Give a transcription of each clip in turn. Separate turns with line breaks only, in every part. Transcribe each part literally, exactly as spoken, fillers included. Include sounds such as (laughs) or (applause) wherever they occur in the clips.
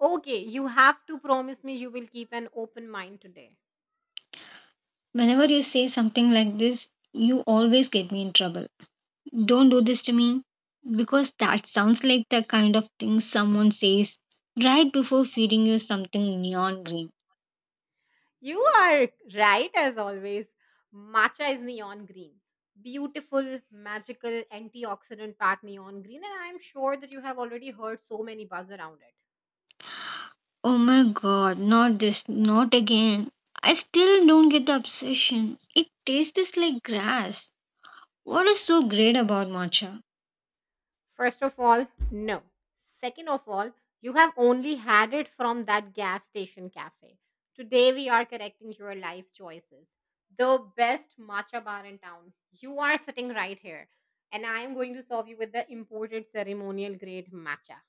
Okay, you have to promise me you will keep an open mind today.
Whenever you say something like this, you always get me in trouble. Don't do this to me because that sounds like the kind of thing someone says right before feeding you something neon green.
You are right as always. Matcha is neon green. Beautiful, magical, antioxidant packed neon green. And I'm sure that you have already heard so many buzz around it.
Oh my god, not this, not again. I still don't get the obsession. It tastes like grass. What is so great about matcha?
First of all, no. Second of all, you have only had it from that gas station cafe. Today we are correcting your life choices. The best matcha bar in town. You are sitting right here, and I am going to serve you with the imported ceremonial grade matcha.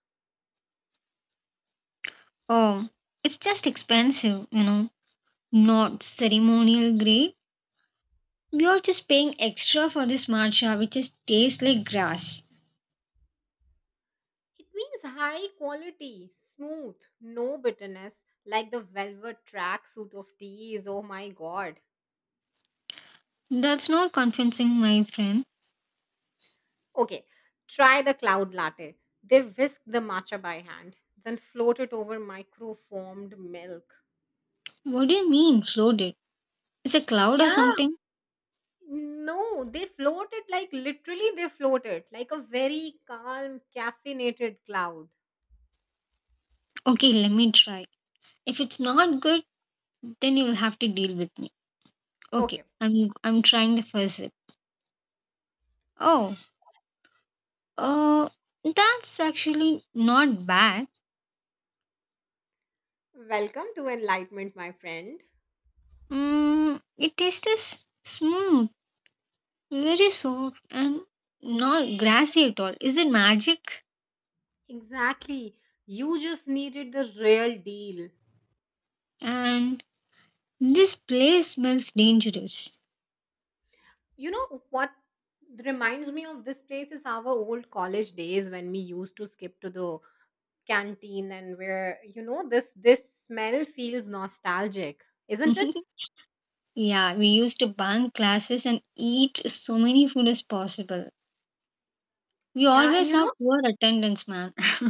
Oh, it's just expensive, you know, not ceremonial grade. We are just paying extra for this matcha, which is tastes like grass.
It means high quality, smooth, no bitterness, like the velvet tracksuit of teas. Oh my god.
That's not convincing, my friend.
Okay, try the cloud latte. They whisk the matcha by hand, then float it over microformed milk.
What do you mean, floated? Is a cloud or
Yeah.
something?
No, they float it like literally they float it like a very calm, caffeinated cloud.
Okay, let me try. If it's not good, then you'll have to deal with me. Okay,
Okay,
I'm I'm trying the first sip. Oh, uh, that's actually not bad.
welcome to enlightenment, my friend.
Mm, it tastes smooth, very soft, and not grassy at all. Is it magic?
Exactly. You just needed the real deal.
And this place smells dangerous.
You know what reminds me of this place is our old college days when we used to skip to the canteen, and where you know this this smell feels nostalgic, isn't it?
(laughs) Yeah, we used to bunk classes and eat so many food as possible. We
Yeah, and
always
you
have
know
poor attendance, man. (laughs)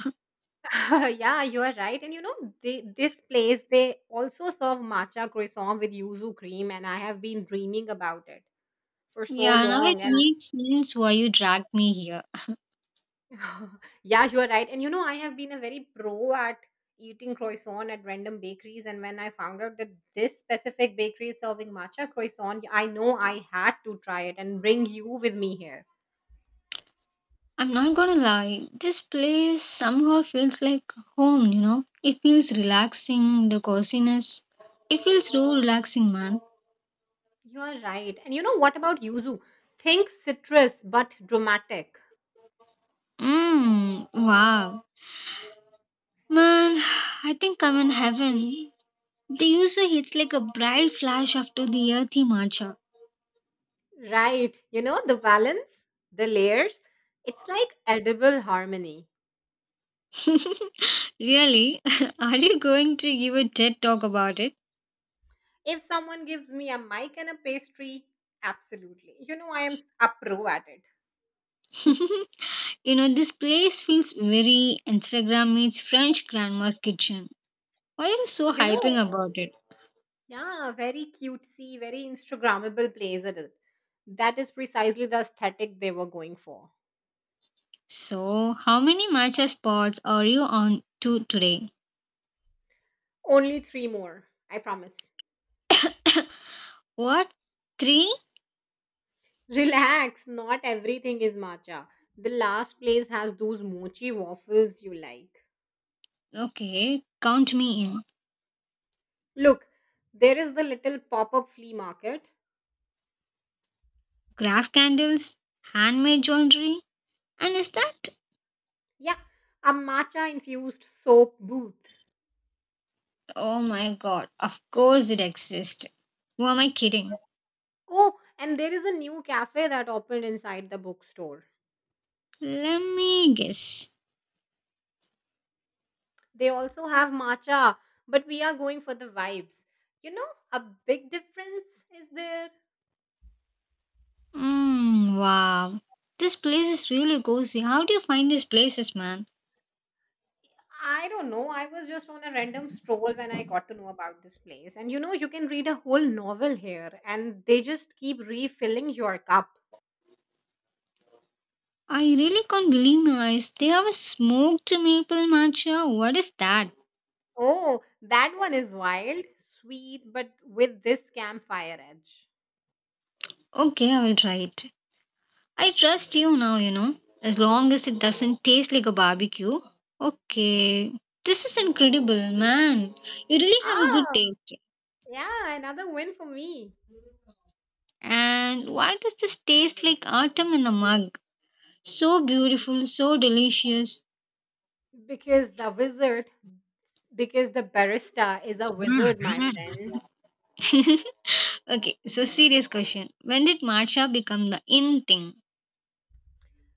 (laughs) yeah, you are right, and you know they, this place they also serve matcha croissant with yuzu cream, and I have been dreaming about it for so
Yeah, now it
long. And
makes sense why you dragged me here.
(laughs) yeah, you are right, and you know I have been a very pro at eating croissant at random bakeries. And when I found out that this specific bakery is serving matcha croissant, I know I had to try it and bring you with me here.
I'm not gonna lie, this place somehow feels like home, you know? It feels relaxing, the coziness. It feels so relaxing, man.
You are right. And you know what about yuzu? Think citrus but dramatic.
Mmm, wow. Man, (sighs) I think I'm in heaven. The user hits like a bright flash after the earthy matcha.
Right. You know the balance, the layers. It's like edible harmony.
(laughs) Really? (laughs) Are you going to give a TED talk about it?
If someone gives me a mic and a pastry, absolutely. You know I am a pro at it.
(laughs) You know, this place feels very Instagram meets French grandma's kitchen. Why are you so
You
hyping
know,
about it?
yeah, very cutesy, very Instagrammable place. It is. That is precisely the aesthetic they were going for.
So, how many matcha spots are you on to today?
Only three more, I promise.
(coughs) What? Three?
Relax, not everything is matcha. The last place has those mochi waffles you like.
Okay, count me in.
Look, there is the little pop up flea market.
Graph candles, handmade jewelry, and is that?
Yeah, a matcha infused soap booth.
Oh my god, of course it exists. Who am I kidding?
Oh, and there is a new cafe that opened inside the bookstore.
Let me guess.
They also have matcha, but we are going for the vibes. You know, a big difference is there.
Mm, wow. This place is really cozy. How do you find these places, man?
I don't know. I was just on a random stroll when I got to know about this place. And you know, you can read a whole novel here, and they just keep refilling your cup.
I really can't believe my eyes. They have a smoked maple matcha. What is that?
Oh, that one is wild, sweet, but with this campfire edge.
Okay, I will try it. I trust you now, you know, as long as it doesn't taste like a barbecue. Okay, this is incredible, man. You really have a good
Ah,
taste.
yeah, another win for me.
And why does this taste like autumn in a mug? So beautiful, so delicious.
Because the wizard, because the barista is a wizard, my friend.
(laughs) Okay, so serious question. When did matcha become the in thing?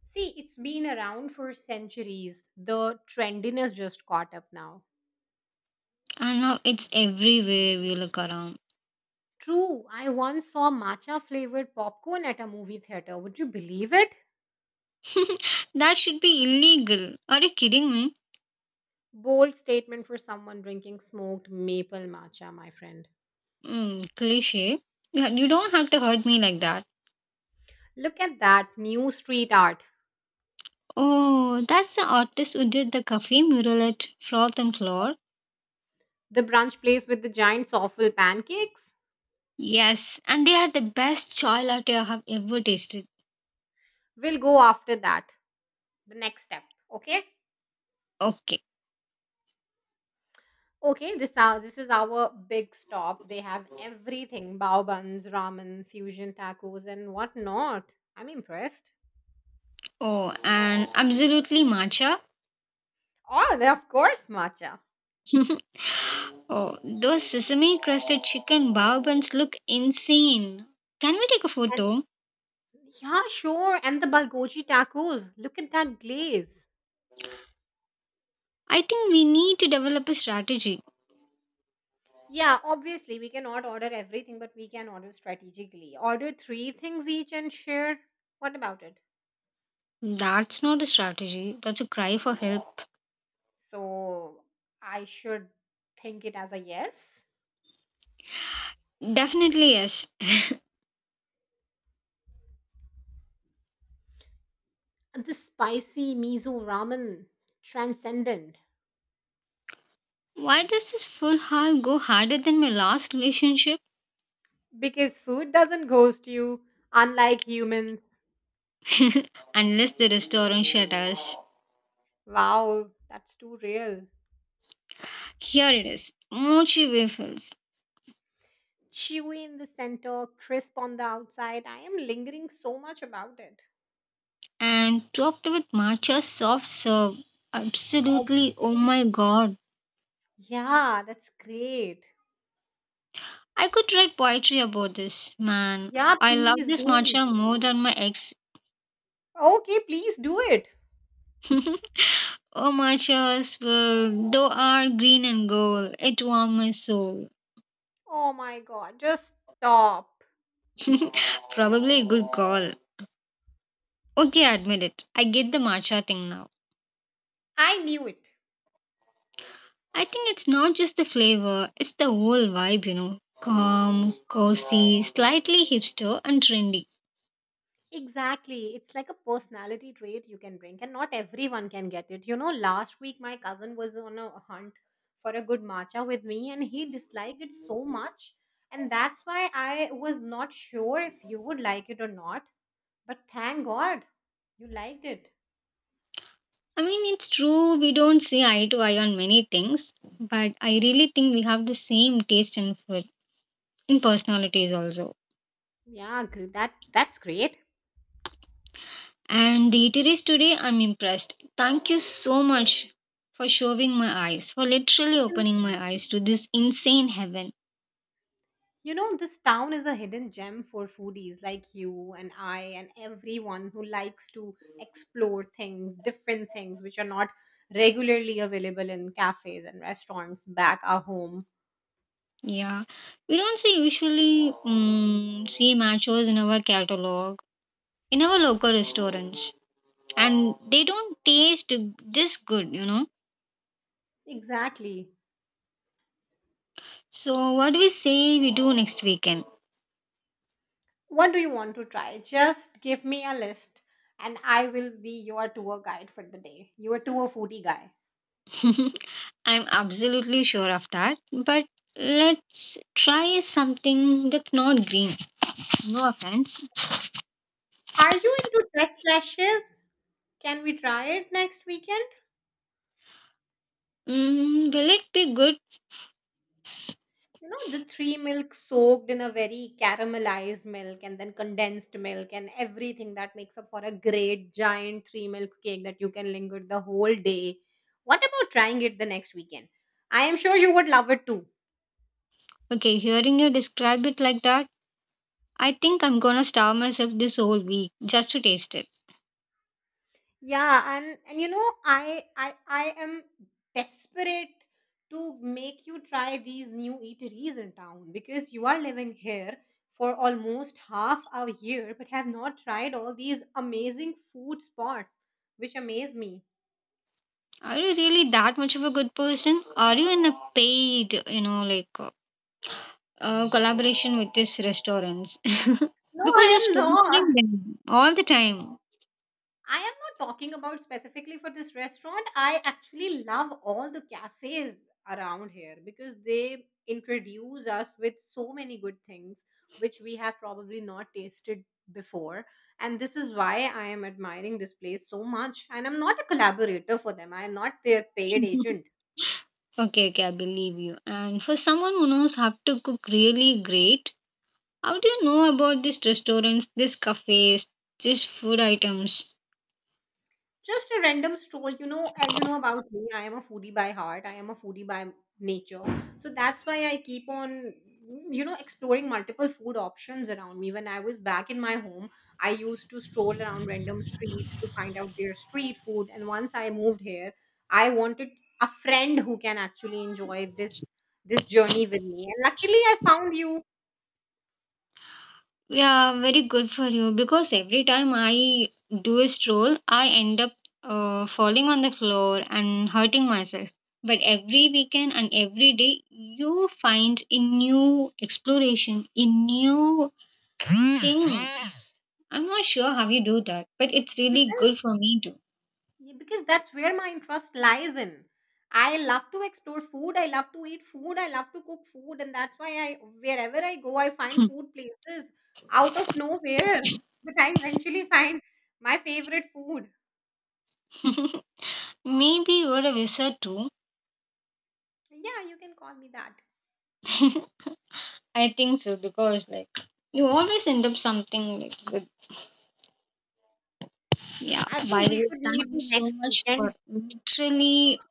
See, it's been around for centuries. The trendiness just caught up now.
And now it's everywhere we look around.
True, I once saw matcha flavored popcorn at a movie theater. Would you believe it?
That should be illegal. Are you kidding me?
Bold statement for someone drinking smoked maple matcha, my friend.
Mm, cliche. Yeah, you don't have to hurt me like that.
Look at that new street art.
Oh, that's the artist who did the cafe mural at Froth and Floor.
The brunch place with the giant soffle pancakes.
Yes, and they are the best chai latte I have ever tasted.
We'll go after that. The next step, okay?
Okay.
Okay, this our this is our big stop. They have everything: bao buns, ramen, fusion tacos, and whatnot. I'm impressed.
Oh, and absolutely matcha.
Oh, they- of course, matcha.
Oh, those sesame crusted chicken bao buns look insane. Can we take a
And
photo?
Yeah, sure. And the bulgogi tacos. Look at that glaze.
I think we need to develop a strategy.
Yeah, obviously, we cannot order everything, but we can order strategically. Order three things each and share. What about it?
That's not a strategy, that's a cry for help.
So, I should think it as a yes.
Definitely yes.
And the spicy miso ramen, transcendent.
Why does this full haul go harder than my last relationship?
Because food doesn't ghost you, unlike humans.
(laughs) Unless the restaurant shut.
Wow, that's too real.
Here it is mochi waffles
Chewy in the center, crisp on the outside. I am lingering so much about it.
and topped with matcha soft serve.
Obvious.
Absolutely, oh my god.
Yeah, that's great.
I could write poetry about this, man.
Yeah,
I love
please
this
do.
matcha more than my ex.
Okay, please do it.
Oh, matchas, well, though are green and gold. It warms my soul.
Oh my god, just stop.
(laughs) Probably a good call. Okay, I admit it. I get the matcha thing now.
I knew it.
I think it's not just the flavor, it's the whole vibe, you know. Calm, cozy, slightly hipster, and trendy.
Exactly. It's like a personality trait you can bring, and not everyone can get it. You know, last week my cousin was on a hunt for a good matcha with me, and he disliked it so much. And that's why I was not sure if you would like it or not. But thank God you liked it.
I mean, it's true we don't see eye to eye on many things, but I really think we have the same taste in food, in personalities also.
Yeah, gr- that that's great.
And the eateries today, I'm impressed. Thank you so much for showing my eyes, for literally opening my eyes to this insane heaven.
You know, this town is a hidden gem for foodies like you and I and everyone who likes to explore things, different things which are not regularly available in cafes and restaurants back our home.
Yeah, we don't see usually mm see machos in our catalog, in our local restaurants, and they don't taste this good, you know.
Exactly.
So, what we say we do next weekend?
What do you want to try? Just give me a list and I will be your tour guide for the day. Your tour foodie guy.
(laughs) I'm absolutely sure of that. But let's try something that's not green. No offense.
Are you into dress lashes? Can we try it next weekend?
Mm, will it be good?
You know the three milk soaked in a very caramelized milk and then condensed milk and everything that makes up for a great giant three milk cake that you can linger the whole day. What about trying it the next weekend? I am sure you would love it too.
Okay, hearing you describe it like that, I think I'm gonna starve myself this whole week just to taste it.
Yeah, and and you know, I I I am desperate to make you try these new eateries in town because you are living here for almost half a year but have not tried all these amazing food spots, which amaze me.
Are you really that much of a good person? Are you in a paid, you know, like uh, uh, collaboration with these restaurants? (laughs)
No, I
Because you're
am
sponsoring
not.
them all the time.
I am not talking about specifically for this restaurant. I actually love all the cafes around here because they introduce us with so many good things which we have probably not tasted before. And this is why I am admiring this place so much. And I'm not a collaborator for them, I am not their paid
(laughs)
agent.
Okay, okay, I believe you. And for someone who knows how to cook really great, how do you know about these restaurants, these cafes, these food items?
Just a random stroll, you know. uh, You know about me. I am a foodie by heart. I am a foodie by nature. So that's why I keep on, you know, exploring multiple food options around me. When I was back in my home, I used to stroll around random streets to find out their street food. And once I moved here, I wanted a friend who can actually enjoy this this journey with me. And luckily, I found you.
Yeah, very good for you because every time I do a stroll, I end up uh, falling on the floor and hurting myself. But every weekend and every day, you find a new exploration, a new thing. I'm not sure how you do that, but it's really good for me too.
Yeah, because that's where my interest lies in. I love to explore food. I love to eat food. I love to cook food, and that's why I wherever I go, I find food places out of nowhere. But I eventually find my favorite food.
(laughs) Maybe you're a wizard too.
Yeah, you can call me that.
(laughs) I think so because like you always end up something like good. Yeah.
I
By
think we
the way,
should
thank
meet
you so
next
much for
weekend.
literally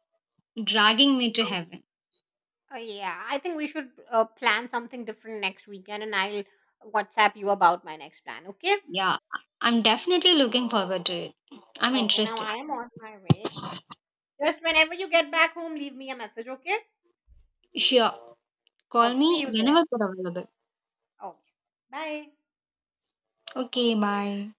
dragging me to heaven.
Uh, yeah, I think we should uh, plan something different next weekend, and I'll WhatsApp you about my next plan. Okay?
Yeah, I'm definitely looking forward to it. I'm
Okay. Now
interested.
I am on my way. Just whenever you get back home, leave me a message. Okay?
Sure. Call
Okay. See
me
you there.
whenever you're available.
Okay. Bye.
Okay, bye.